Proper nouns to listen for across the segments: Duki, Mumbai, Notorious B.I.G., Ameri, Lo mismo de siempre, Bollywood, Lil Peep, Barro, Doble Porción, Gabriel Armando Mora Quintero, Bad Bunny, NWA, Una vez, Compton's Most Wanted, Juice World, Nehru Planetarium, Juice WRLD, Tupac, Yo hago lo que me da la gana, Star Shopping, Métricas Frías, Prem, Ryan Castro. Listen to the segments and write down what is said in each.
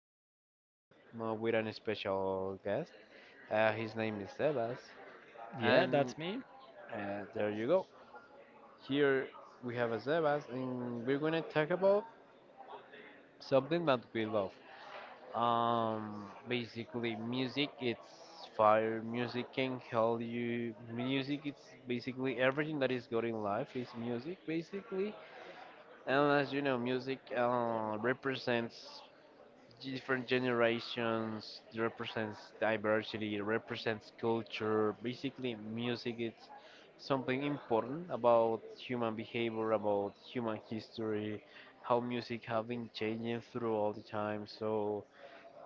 we are here with an special guest. His name is Sebas, Yeah, and that's me. There you go. Here we have a Sebas, and we're gonna talk about something that we love. Basically, music. It's fire. Music can help you. Music. It's basically everything that is good in life is music, basically. And as you know, music represents different generations, it represents diversity, it represents culture. Basically, music, it's something important about human behavior, about human history, how music have been changing through all the time. So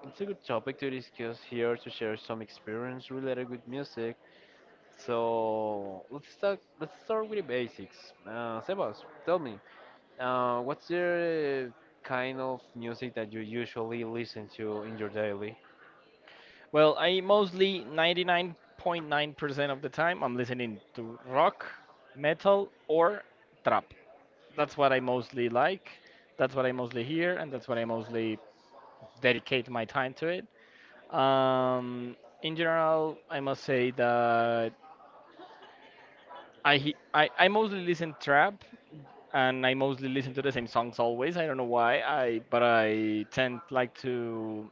it's a good topic to discuss here, to share some experience related with music. So let's start with the basics. Sebas, tell me, what's the kind of music that you usually listen to in your daily? Well, I mostly 99.9% of the time I'm listening to rock, metal, or trap. That's what I mostly like. That's what I mostly hear, and that's what I mostly dedicate my time to it. Um, in general, I must say that I, he- I mostly listen trap, and I mostly listen to the same songs always. I don't know why. I but I tend like to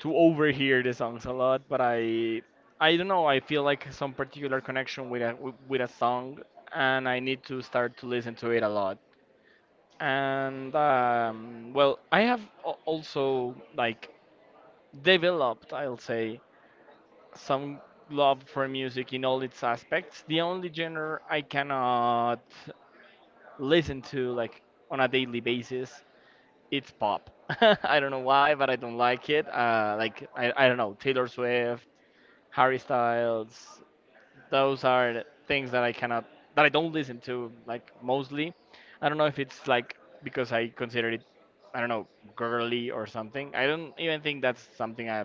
to overhear the songs a lot, but I don't know. I feel like some particular connection with a with a song, and I need to start to listen to it a lot. And well, I have also like developed, I'll say, some love for music in all its aspects. The only genre I cannot listen to like on a daily basis it's pop. I don't know why, but I don't like it. Like I don't know Taylor Swift, Harry Styles. Those are the things that I cannot, that I don't listen to, like mostly. I don't know if it's like because I consider it, I don't know, girly or something. I don't even think that's something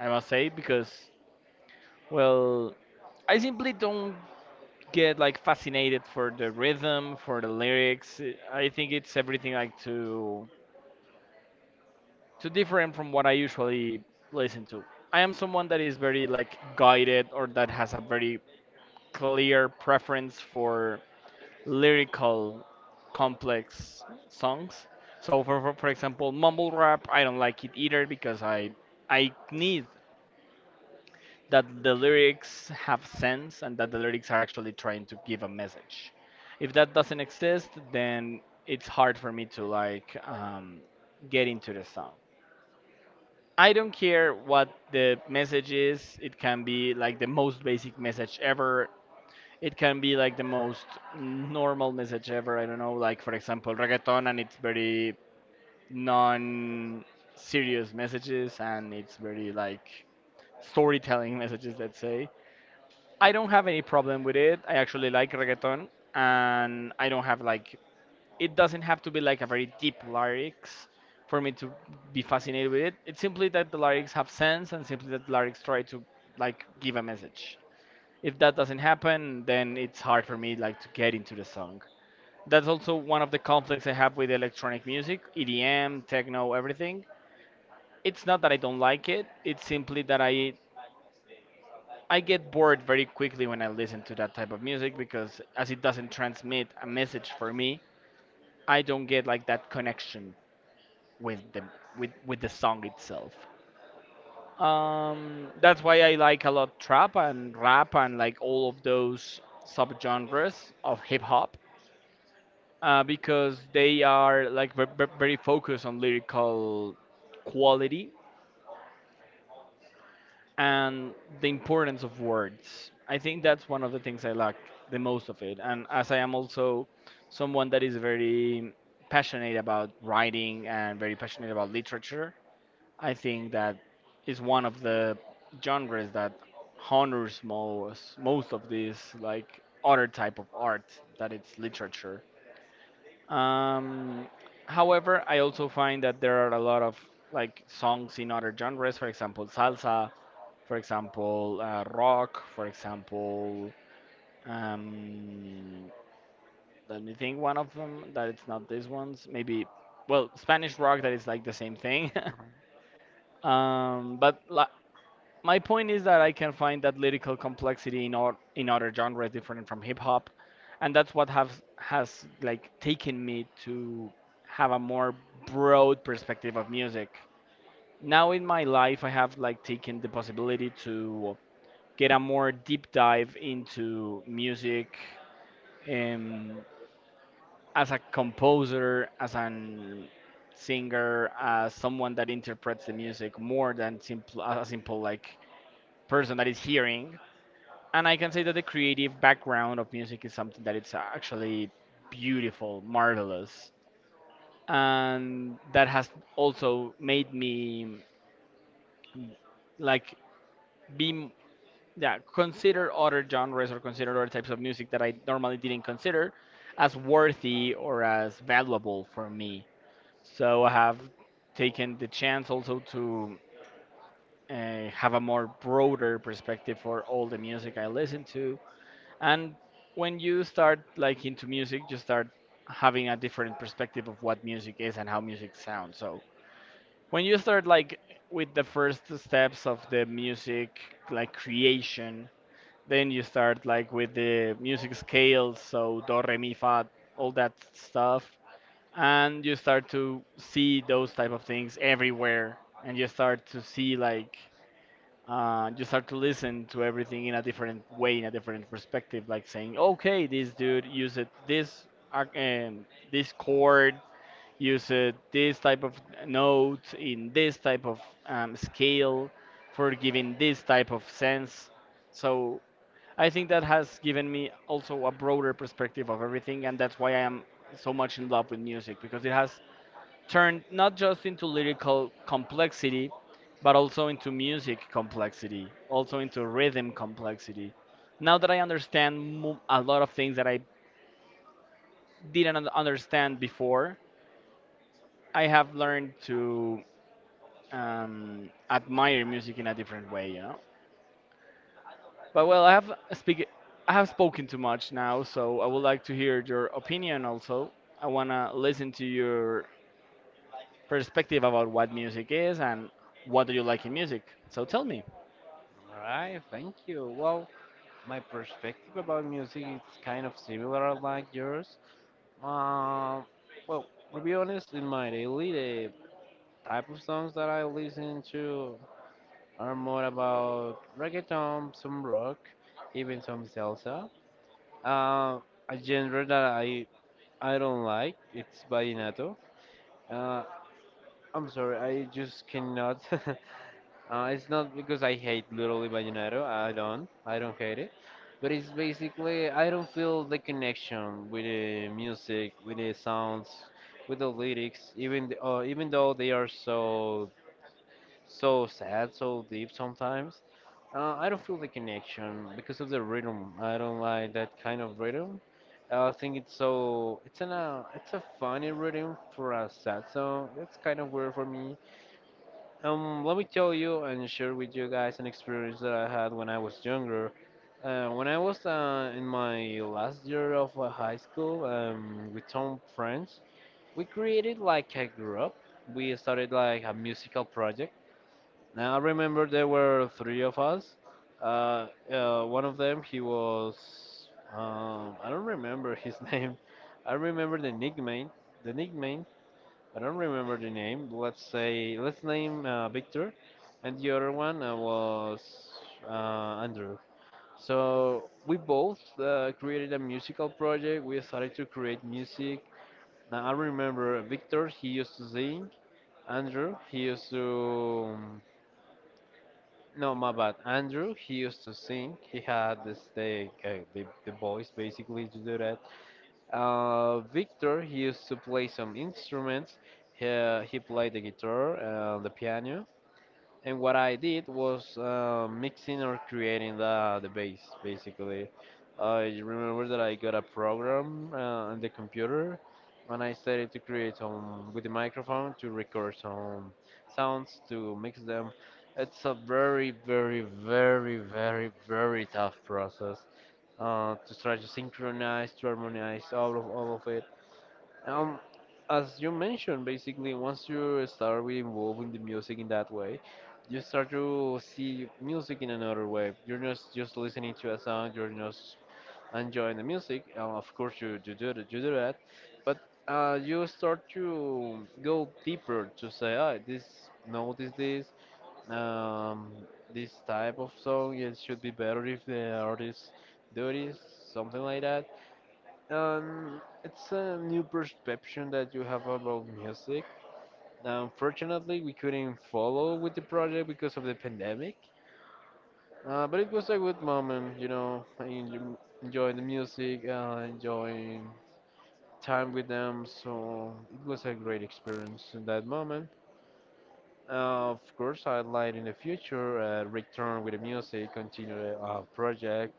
I must say because, well, I simply don't get like fascinated for the rhythm, for the lyrics. I think it's everything like too different from what I usually listen to. I am someone that is very like guided or that has a very clear preference for lyrical complex songs. So for example, mumble rap, I don't like it either because I need that the lyrics have sense and that the lyrics are actually trying to give a message. If that doesn't exist, then it's hard for me to get into the song. I don't care what the message is. It can be like the most basic message ever. It can be like the most normal message ever. I don't know, like for example, reggaeton, and it's very non-serious messages, and it's very like storytelling messages. Let's say I don't have any problem with it. I actually like reggaeton, and I don't have like it doesn't have to be like a very deep lyrics for me to be fascinated with it. It's simply that the lyrics have sense, and simply that the lyrics try to like give a message if that doesn't happen, then it's hard for me like to get into the song. That's also one of the conflicts I have with electronic music, EDM, techno, everything. It's not that I don't like it. It's simply that I get bored very quickly when I listen to that type of music because as it doesn't transmit a message for me, I don't get like that connection with the with the song itself. That's why I like a lot trap and rap and like all of those subgenres of hip hop because they are like very focused on lyrical quality and the importance of words. I think that's one of the things I lack the most of it. And as I am also someone that is very passionate about writing and very passionate about literature, I think that is one of the genres that honors most of this like other type of art that it's literature. Um, However, I also find that there are a lot of like songs in other genres, for example, salsa, for example, rock, for example, um, let me think one of them that it's not these ones, maybe, well, Spanish rock that is like the same thing. All but li my point is that I can find that lyrical complexity in other genres different from hip hop, and that's what have has like taken me to have a more broad perspective of music. Now in my life, I have like taken the possibility to get a more deep dive into music, um, as a composer, as an singer, as someone that interprets the music more than simple a simple like person that is hearing. And I can say that the creative background of music is something that it's actually beautiful, marvelous, and that has also made me like be m- yeah, consider other genres or consider other types of music that I normally didn't consider as worthy or as valuable for me. So I have taken the chance also to have a more broader perspective for all the music I listen to. And when you start like into music, you start having a different perspective of what music is and how music sounds. So when you start like with the first steps of the music like creation, then you start like with the music scales, so do re mi fa, all that stuff, and you start to see those type of things everywhere, and you start to see like you start to listen to everything in a different way, in a different perspective. Like saying, okay, this dude used this arc- um, this chord, used this type of note in this type of scale for giving this type of sense. So I think that has given me also a broader perspective of everything, and that's why I am so much in love with music because it has turned not just into lyrical complexity, but also into music complexity, also into rhythm complexity. Now that I understand a lot of things that I didn't un- understand before, I have learned to admire music in a different way, you know. But well, I have spoken too much now, so I would like to hear your opinion also. I wanna listen to your perspective about what music is and what do you like in music. So tell me. right, thank you. Well, my perspective about music is kind of similar like yours. Uh, well, to be honest, in my daily, the type of songs that I listen to are more about reggaeton, some rock, even some salsa. Uh, a genre that I don't like, it's vallenato. Uh, I'm sorry, I just cannot. It's not because I hate literally vallenato. I don't. I don't hate it. But it's basically I don't feel the connection with the music, with the sounds, with the lyrics. Even though they are so so sad, so deep sometimes. I don't feel the connection because of the rhythm. I don't like that kind of rhythm. I think it's so it's an it's a funny rhythm for a sad song. It's kind of weird for me. Let me tell you and share with you guys an experience that I had when I was younger. When I was in my last year of high school, with some friends, we created like a group. We started like a musical project. Now I remember there were three of us. One of them, he was, I don't remember his name. I remember the nickname, the nickname, but I don't remember the name. Let's say, let's name Victor, and the other one was Andrew. So we both created a musical project. We started to create music. Now I remember Victor, he used to sing. Andrew, he used to no, my bad. Andrew, he used to sing. He had the thing, the voice basically to do that. Victor, he used to play some instruments. He played the guitar and the piano. And what I did was mixing or creating the base basically. I remember that I got a program on the computer, and I started to create some with the microphone to record some sounds to mix them. It's a very, very tough process to try to synchronize, to harmonize all of it, um, as you mentioned. Basically, once you start with involving the music in that way, you start to see music in another way. You're not just listening to a song, you're not enjoying the music. Of course, you do that, but you start to go deeper to say, ah, notice this, um, this type of song, it should be better if the artist do this, something like that. It's a new perception that you have about music. Unfortunately, we couldn't follow with the project because of the pandemic. But it was a good moment, you know, enjoying the music, enjoying time with them. So it was a great experience in that moment. Of course, I'd like in the future return with the music, continue the project,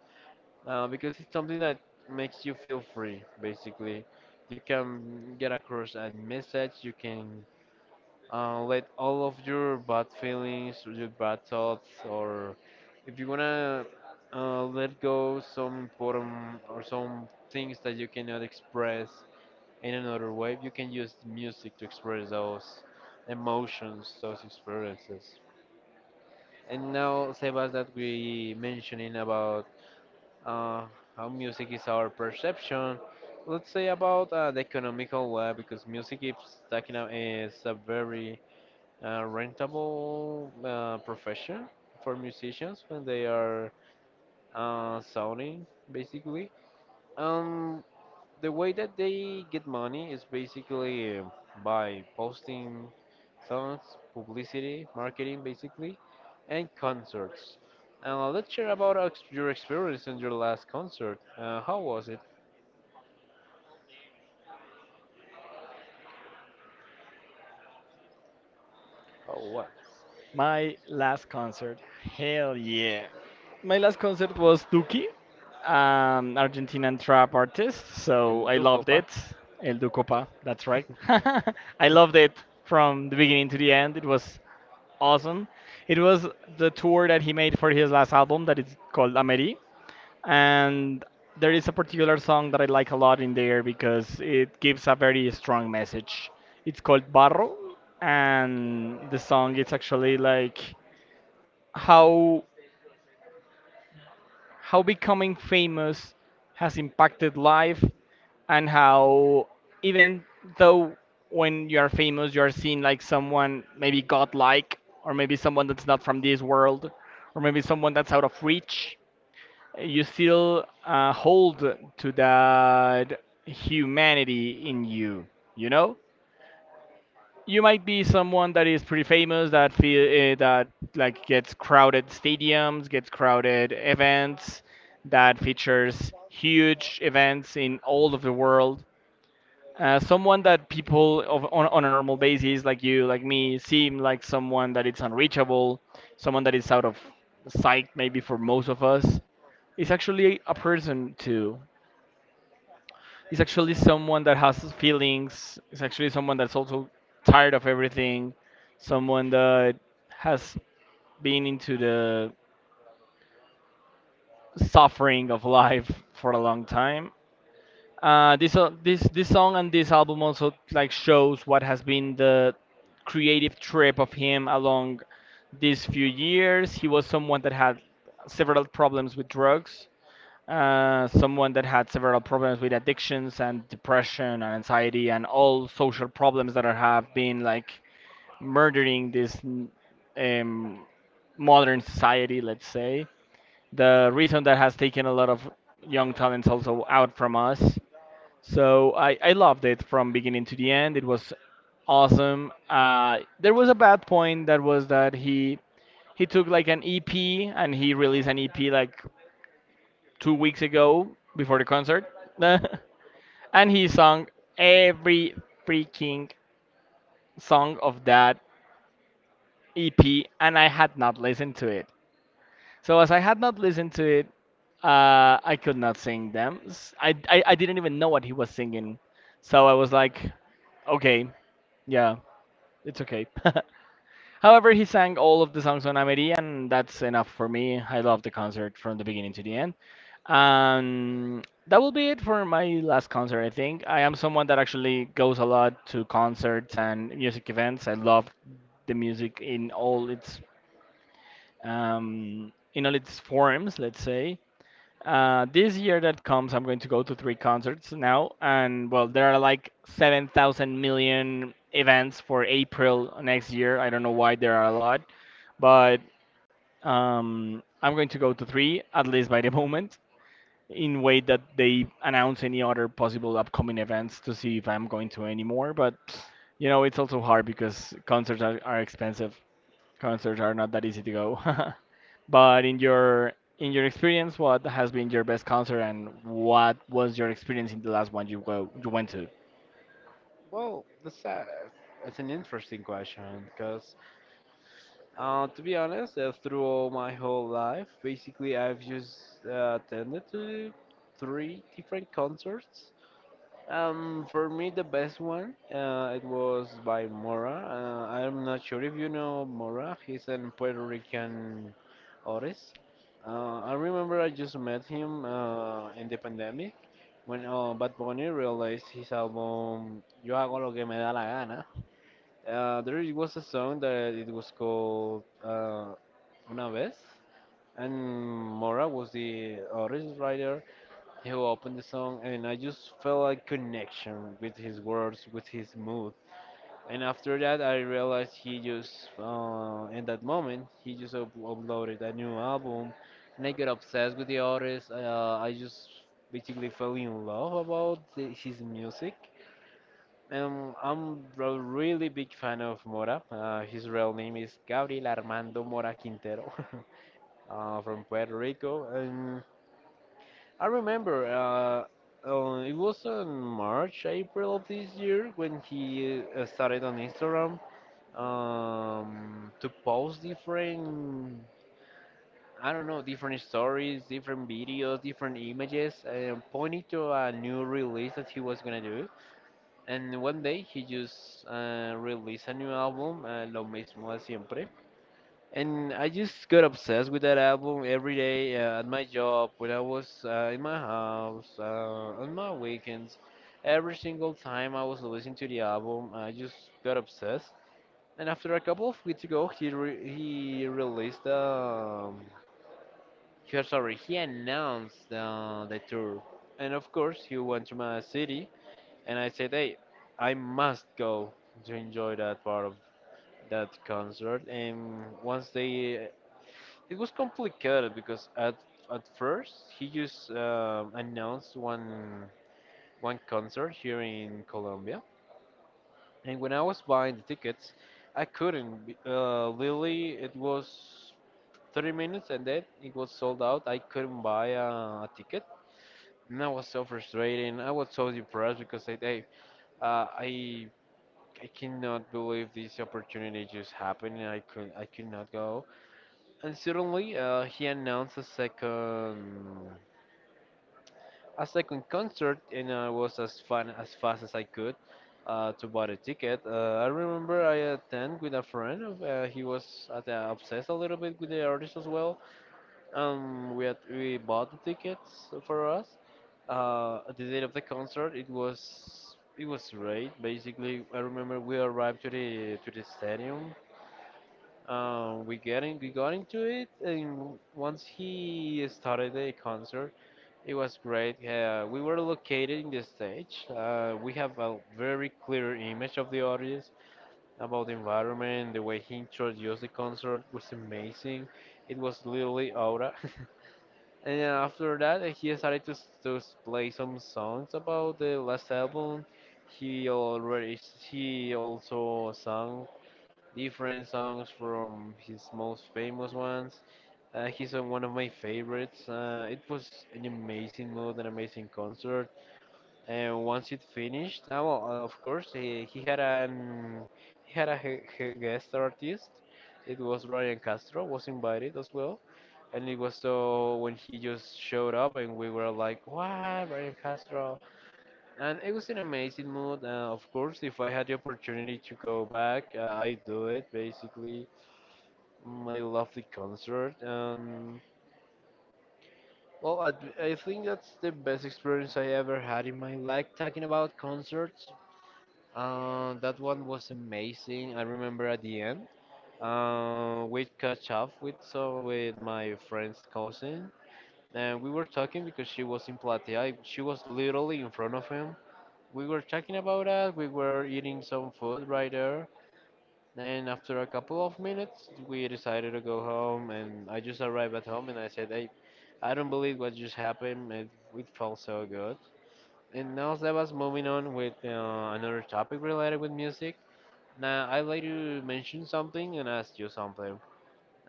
because it's something that makes you feel free. Basically, you can get across a message. You can let all of your bad feelings, your bad thoughts, or if you wanna let go some important or some things that you cannot express in another way, you can use music to express those emotions, those experiences. And now, Sebas, that we mentioning about uh, how music is our perception. Let's say about the economical way, because music is talking about is a very rentable profession for musicians when they are sounding basically. Um, the way that they get money is basically by posting songs, publicity, marketing, basically, and concerts. Let's share about your experience in your last concert. How was it? How was My last concert, hell yeah. My last concert was Duki, Argentinian trap artist, so El I loved Ducopa? it. El Ducopa, that's right. I loved it from the beginning to the end. It was awesome. It was the tour that he made for his last album that is called Ameri, and there is a particular song that I like a lot in there because it gives a very strong message. It's called Barro, and the song is actually like how how becoming famous has impacted life, and how even though when you are famous you are seen like someone maybe godlike or maybe someone that's not from this world or maybe someone that's out of reach, you still hold to that humanity in you, you know. You might be someone that is pretty famous that feel that like gets crowded stadiums, gets crowded events, that features huge events in all of the world, someone that people on a normal basis, like you, like me, seem like someone that is unreachable, someone that is out of sight, maybe for most of us, is actually a person too. It's actually someone that has feelings. It's actually someone that's also tired of everything. Someone that has been into the suffering of life for a long time. This this song and this album also like shows what has been the creative trip of him along these few years. He was someone that had several problems with drugs, someone that had several problems with addictions and depression and anxiety and all social problems that have been like murdering this um, modern society, let's say. The reason that has taken a lot of young talents also out from us. So I loved it from beginning to the end. It was awesome. There was a bad point that was that he took like an EP and he released an EP like 2 weeks ago before the concert, and he sung every freaking song of that EP, and I had not listened to it. So as I had not listened to it, I could not sing them. I didn't even know what he was singing, so I was like, okay, yeah, it's okay. However, he sang all of the songs on Ameri, and that's enough for me. I love the concert from the beginning to the end. That will be it for my last concert, I think. I am someone that actually goes a lot to concerts and music events. I love the music in all its forms, let's say. This year that comes, I'm going to go to three concerts now, and well, there are like 7,000 million events for April next year. I don't know why there are a lot, but I'm going to go to three, at least by the moment, in way that they announce any other possible upcoming events to see if I'm going to any more. But you know, it's also hard because are expensive. Concerts are not that easy to go. But in your experience, what has been your best concert and what was your experience in the last one you went to? Well, that's an interesting question because, to be honest, through all my whole life, basically I've just attended to three different concerts. For me, the best one, it was by Mora. I'm not sure if you know Mora. He's a Puerto Rican artist. I remember I just met him in the pandemic when Bad Bunny released his album "Yo hago lo que me da la gana." There it was a song that it was called "Una vez," and Mora was the artist writer. He opened the song, and I just felt a connection with his words, with his mood. And after that, I realized he just, in that moment, he just uploaded a new album, and I got obsessed with the artist. I just basically fell in love about his music. I'm a really big fan of Mora. His real name is Gabriel Armando Mora Quintero, from Puerto Rico. And I remember it was on March, April of this year when he started on Instagram, to post different, I don't know, different stories, different videos, different images, and pointing to a new release that he was gonna do. And one day he just released a new album, Lo mismo de siempre. And I just got obsessed with that album every day, at my job, when I was in my house, on my weekends. Every single time I was listening to the album, I just got obsessed. And after a couple of weeks ago, he released sorry, he announced the tour. And of course, he went to my city, and I said, "Hey, I must go to enjoy that part of that concert." And once they It was complicated because at first he just announced one concert here in Colombia, and when I was buying the tickets, I couldn't. Be- literally, it was 30 minutes, and then it was sold out. I couldn't buy a ticket, and I was so frustrated. I was so depressed because uh, I. I cannot believe this opportunity just happened, and I could not go. And suddenly, he announced a second concert, and I was as fun as fast as I could to buy a ticket. I remember I attended with a friend. He was obsessed a little bit with the artist as well. We bought the tickets for us. At the date of the concert, it was great. Basically, I remember we arrived to the stadium. We got into it, and once he started the concert, it was great. We were located in the stage. We have a very clear image of the audience, about the environment. The way he introduced the concert was amazing. It was literally aura. And then after that, he started to, play some songs about the last album. He also sang different songs from his most famous ones. He sung one of my favorites. It was an amazing mood, an amazing concert. And once it finished, well, of course, he had a guest artist. It was Ryan Castro was invited as well. And it was so when he just showed up, and we were like, "Wow, Ryan Castro!" And it was an amazing mood. Of course, if I had the opportunity to go back, I do it basically, my lovely concert. Well, I think that's the best experience I ever had in my life talking about concerts. That one was amazing. I remember at the end, we catch up with with my friend's cousin, and we were talking because she was in Platea. She was literally in front of him. We were talking about that. We were eating some food right there. Then after a couple of minutes, we decided to go home, and I just arrived at home, and I said, "Hey, I don't believe what just happened. It felt so good." And now that was moving on with another topic related with music. Now I'd like to mention something and ask you something.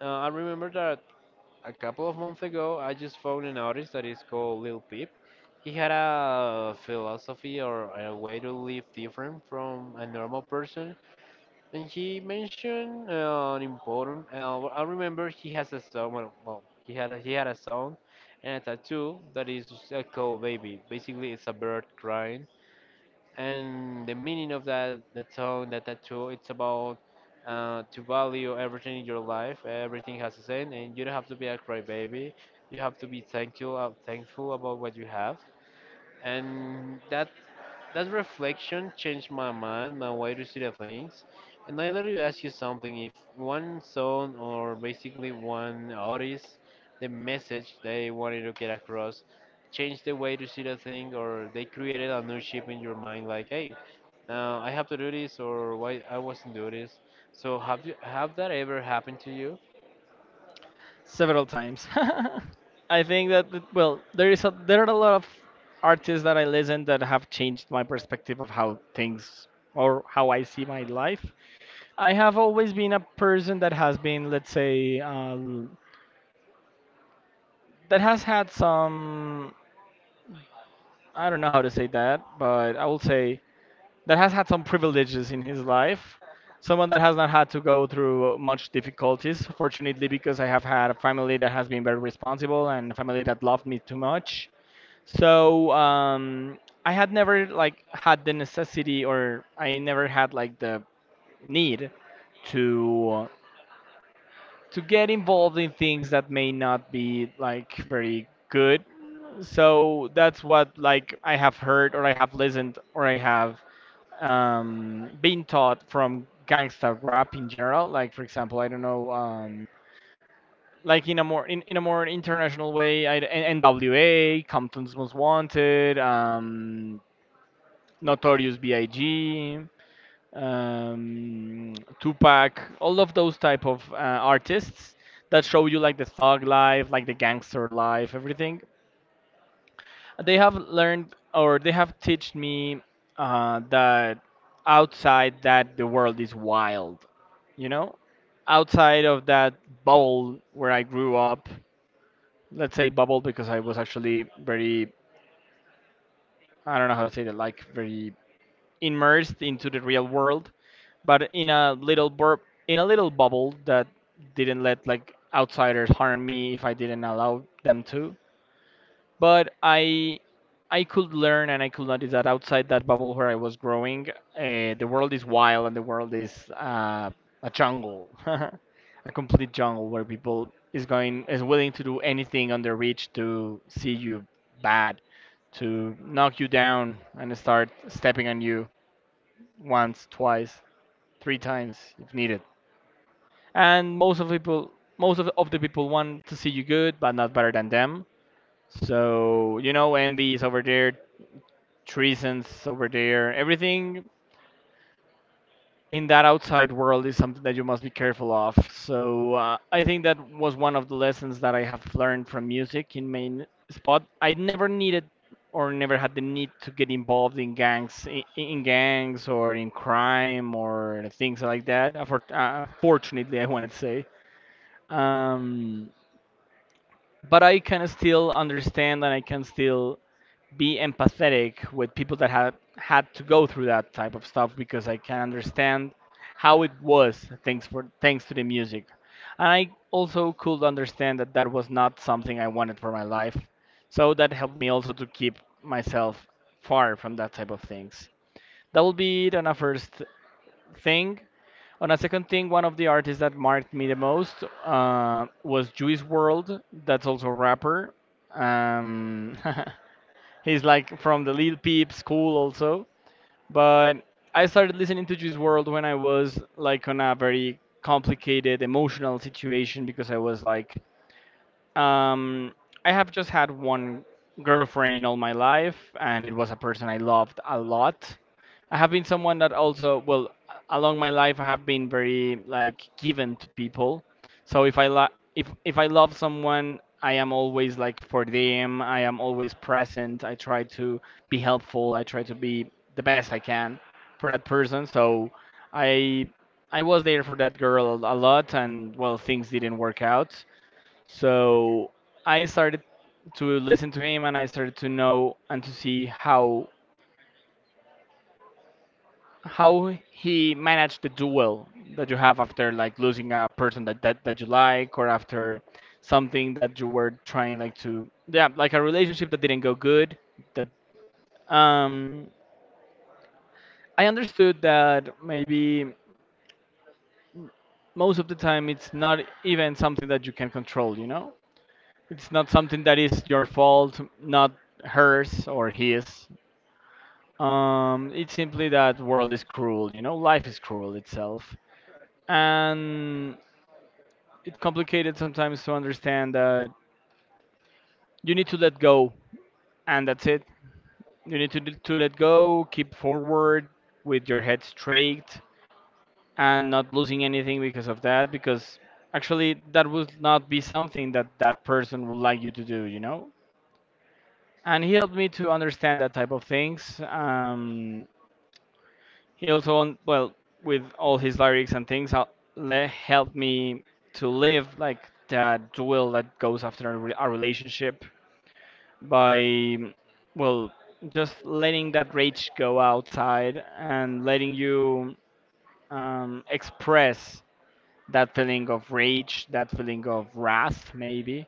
I remember that a couple of months ago, I just found an artist that is called Lil Peep. He had a philosophy or a way to live different from a normal person and he mentioned I remember he has a song. Well, he had a song and a tattoo that is called "Baby." Basically, it's a bird crying, and the meaning of that the song, that tattoo, it's about to value everything in your life. Everything has a sense, and you don't have to be a crybaby. You have to be thankful, thankful about what you have, and that reflection changed my mind, my way to see the things. And I let you ask you something. If one song or basically one artist, the message they wanted to get across, changed the way to see the thing, or they created a new shape in your mind, like, hey, now I have to do this, or why I wasn't do this. So have that ever happened to you? Several times. I think that well, there are a lot of artists that I listen that have changed my perspective of how things or how I see my life. I have always been a person that has been, let's say, that has had some, I don't know how to say that, but I will say that has had some privileges in his life, someone that has not had to go through much difficulties, fortunately, because I have had a family that has been very responsible and a family that loved me too much. So I had never like had the necessity, or I never had like the need to to get involved in things that may not be like very good. So that's what like I have heard, or I have listened, or I have being taught from gangsta rap in general. Like for example, I don't know, like in a more international way, NWA, Compton's Most Wanted, Notorious B.I.G., um, Tupac, all of those type of artists that show you like the thug life, like the gangster life, everything. They have learned or they have taught me that outside that the world is wild, you know? Outside of that bubble where I grew up, let's say bubble because I was actually very, I don't know how to say that, like very immersed into the real world, but in a little bubble that didn't let like outsiders harm me if I didn't allow them to, but I could learn and I could notice that outside that bubble where I was growing, the world is wild and the world is a jungle, a complete jungle where people is going is willing to do anything on their reach to see you bad, to knock you down and start stepping on you once, twice, three times if needed. And most of people, most of the people want to see you good, but not better than them. So you know, envy is over there, treasons over there. Everything in that outside world is something that you must be careful of. So I think that was one of the lessons that I have learned from music in main spot. I never needed or never had the need to get involved in gangs or in crime or things like that. Fortunately, I want to say. Um, but I can still understand and I can still be empathetic with people that had had to go through that type of stuff because I can understand how it was thanks to the music. And I also could understand that that was not something I wanted for my life. So that helped me also to keep myself far from that type of things. That will be it on a first thing. On a second thing, one of the artists that marked me the most was Juice World. That's also a rapper. Um, he's like from the Lil Peep school also. But I started listening to Juice World when I was like on a very complicated emotional situation because I was like, um, I have just had one girlfriend in all my life, and it was a person I loved a lot. I have been someone that also, well, along my life, I have been very like given to people. So if I love someone, I am always like for them. I am always present. I try to be helpful. I try to be the best I can for that person. So I I was there for that girl a lot, and well, things didn't work out. So I started to listen to him and I started to know and to see how he managed the duel that you have after like losing a person that you like, or after something that you were trying like to, yeah, like a relationship that didn't go good, that um I understood that maybe most of the time it's not even something that you can control, you know, it's not something that is your fault, not hers or his. It's simply that world is cruel, you know, life is cruel itself. And it's complicated sometimes to understand that you need to let go, and that's it. You need to let go, keep forward with your head straight and not losing anything because of that, because actually that would not be something that that person would like you to do, you know? And he helped me to understand that type of things. He also, on, well, with all his lyrics and things, helped me to live like that duel that goes after a relationship by, well, just letting that rage go outside and letting you express that feeling of rage, that feeling of wrath, maybe,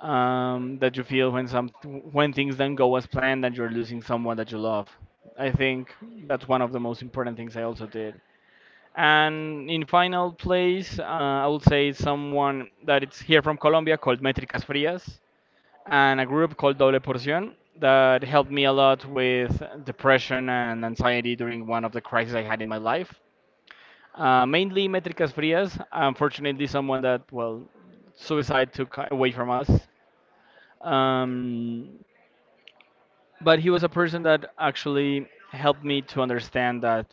that you feel when some when things don't go as planned and you're losing someone that you love. I think that's one of the most important things I also did. And in final place, I would say someone that it's here from Colombia called Métricas Frías and a group called Doble Porción that helped me a lot with depression and anxiety during one of the crises I had in my life. Mainly Métricas Frías, unfortunately, someone that, well, suicide took away from us. Um, but he was a person that actually helped me to understand that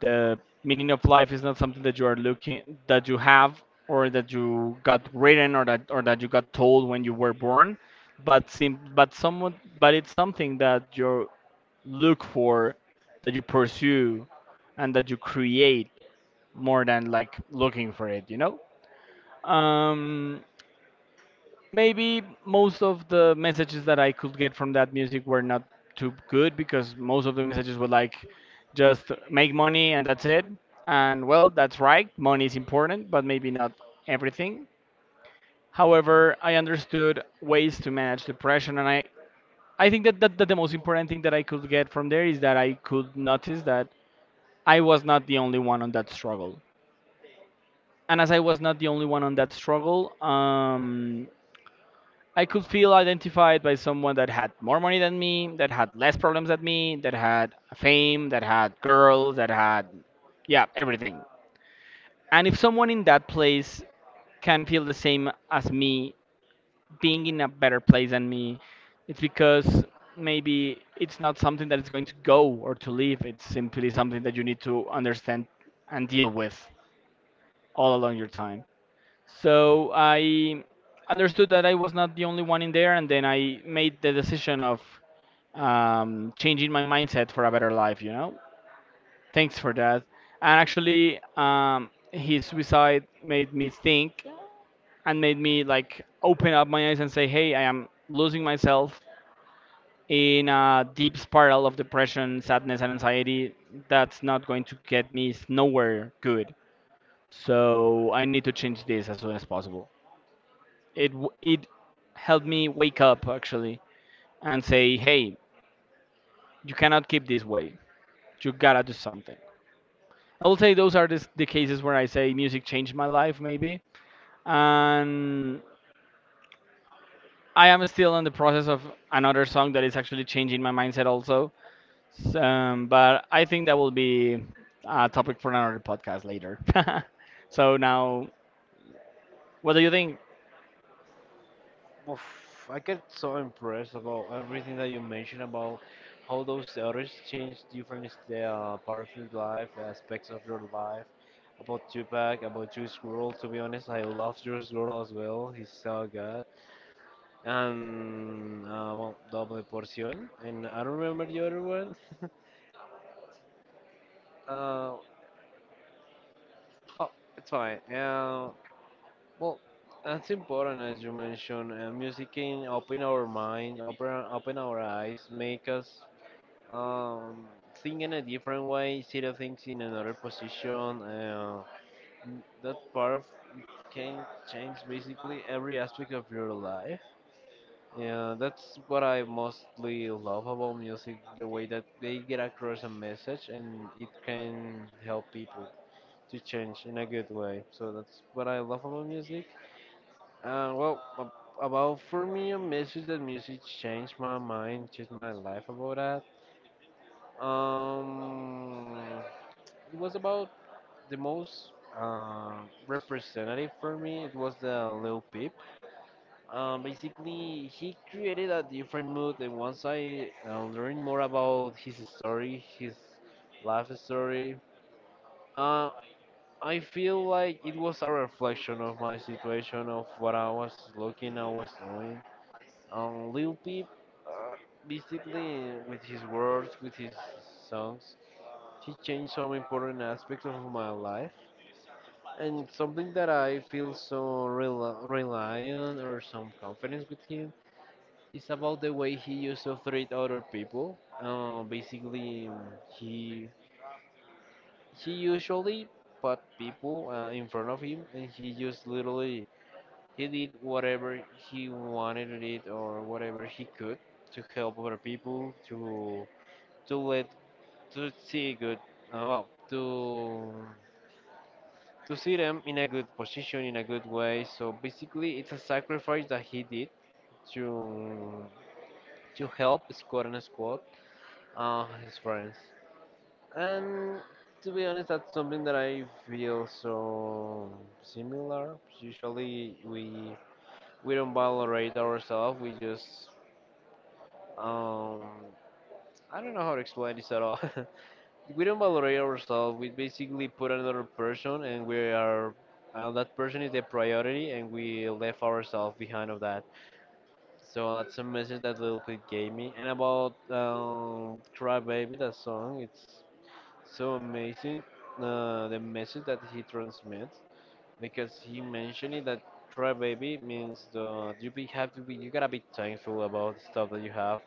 the meaning of life is not something that you are looking, that you have, or that you got written, or that you got told when you were born, but sim- but someone but it's something that you look for, that you pursue, and that you create, more than like looking for it, you know. um Maybe most of the messages that I could get from that music were not too good, because most of the messages were like just make money and that's it. And well, that's right, money is important, but maybe not everything. However, I understood ways to manage depression, and I think that the most important thing that I could get from there is that I could notice that I was not the only one on that struggle. And as I was not the only one on that struggle, I could feel identified by someone that had more money than me, that had less problems than me, that had fame, that had girls, that had, yeah, everything. And if someone in that place can feel the same as me, being in a better place than me, it's because maybe it's not something that is going to go or to leave. It's simply something that you need to understand and deal with all along your time. So I understood that I was not the only one in there, and then I made the decision of changing my mindset for a better life, you know? Thanks for that. And actually, his suicide made me think and made me like open up my eyes and say, hey, I am losing myself in a deep spiral of depression, sadness, and anxiety. That's not going to nowhere good. So I need to change this as soon as possible. It helped me wake up actually and say, hey, you cannot keep this way. You gotta do something. I will say those are the cases where I say music changed my life maybe, and I am still in the process of another song that is actually changing my mindset also. But I think that will be a topic for another podcast later. So now, what do you think? Oof, I get so impressed about everything that you mentioned about how those artists change different parts of your life, aspects of your life. About Tupac, about Juice WRLD. To be honest, I love Juice WRLD as well. He's so good. And well, Double Porción. And I don't remember the other one. uh, oh, it's fine. Well, that's important as you mentioned. Music can open our mind, open our eyes, make us um, think in a different way, see the things in another position. That part of can change basically every aspect of your life. Yeah, that's what I mostly love about music, the way that they get across a message and it can help people to change in a good way. So that's what I love about music. Uh, well, ab- about for me, a message that music changed my mind, changed my life about that. It was about the most uh, representative for me. It was the Lil Peep. Basically, he created a different mood, and once I learned more about his story, his life story, uh, I feel like it was a reflection of my situation, of what I was looking, I was doing. Lil Peep, uh, basically, with his words, with his songs, he changed some important aspects of my life. And something that I feel so rely on or some confidence with him is about the way he used to treat other people. Basically, he he usually put people in front of him, and he just literally he did whatever he wanted to do or whatever he could to help other people to let to see good , well, to see them in a good position, in a good way. So basically, it's a sacrifice that he did to to help squad and squad his friends. And to be honest, that's something that I feel so similar. Usually, we don't valorate ourselves. We just um, I don't know how to explain this at all. We don't valorate ourselves. We basically put another person, and we are that person is the priority, and we left ourselves behind of that. So that's a message that Lil Peep gave me. And about Cry Baby, that song, it's so amazing. The message that he transmits because he mentioned it that try baby means the you be have to be you gotta be thankful about the stuff that you have.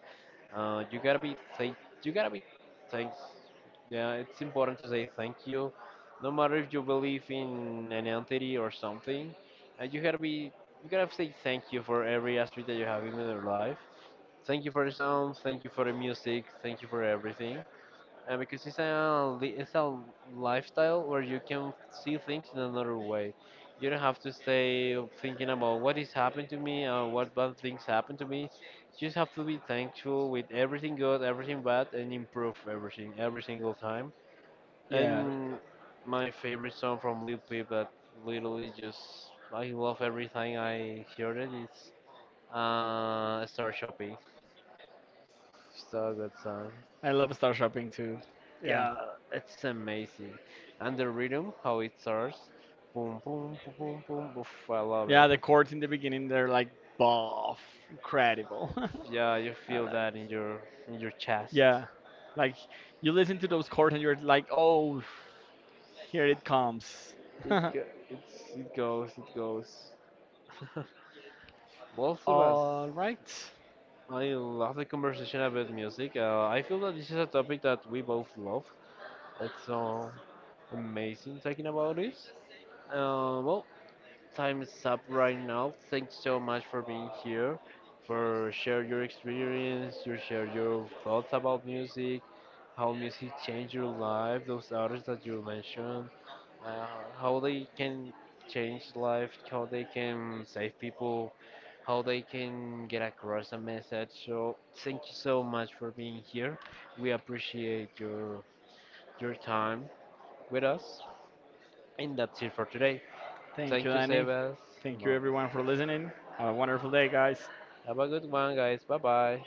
Uh, you gotta be thank you gotta be thanks. Yeah, it's important to say thank you, no matter if you believe in an entity or something. Uh, you gotta be you gotta say thank you for every aspect that you have in your life. Thank you for the sound. Thank you for the music. Thank you for everything because it's a lifestyle where you can see things in another way. You don't have to stay thinking about what is happened to me or what bad things happened to me. You just have to be thankful with everything good, everything bad, and improve everything every single time. Yeah, And my favorite song from Lil Peep that literally just I love every time I hear it is Star Shopping. So good song. I love star shopping too. Yeah. Yeah, it's amazing. And the rhythm, how it starts, boom, boom, boom, boom, boom, boof, I love it. Yeah, the chords in the beginning they're like buff, incredible. Yeah, you I feel like, that in your chest. yeah, like you listen to those chords and you're like, oh, here it comes. It goes, it goes. Well, Sebas, All right, I love the conversation about music. I feel that this is a topic that we both love. It's so amazing talking about it. Well, time's up right now. Thanks so much for being here, for share your experience, you share your thoughts about music, how music changed your life, those artists that you mentioned, uh, how they can change life, how they can save people, how they can get across a message. So thank you so much for being here. We appreciate your time with us. And that's it for today. thank you, Thank you, Annie. Sebas. Thank you everyone for listening. Have a wonderful day, guys. Have a good one, guys. Bye bye.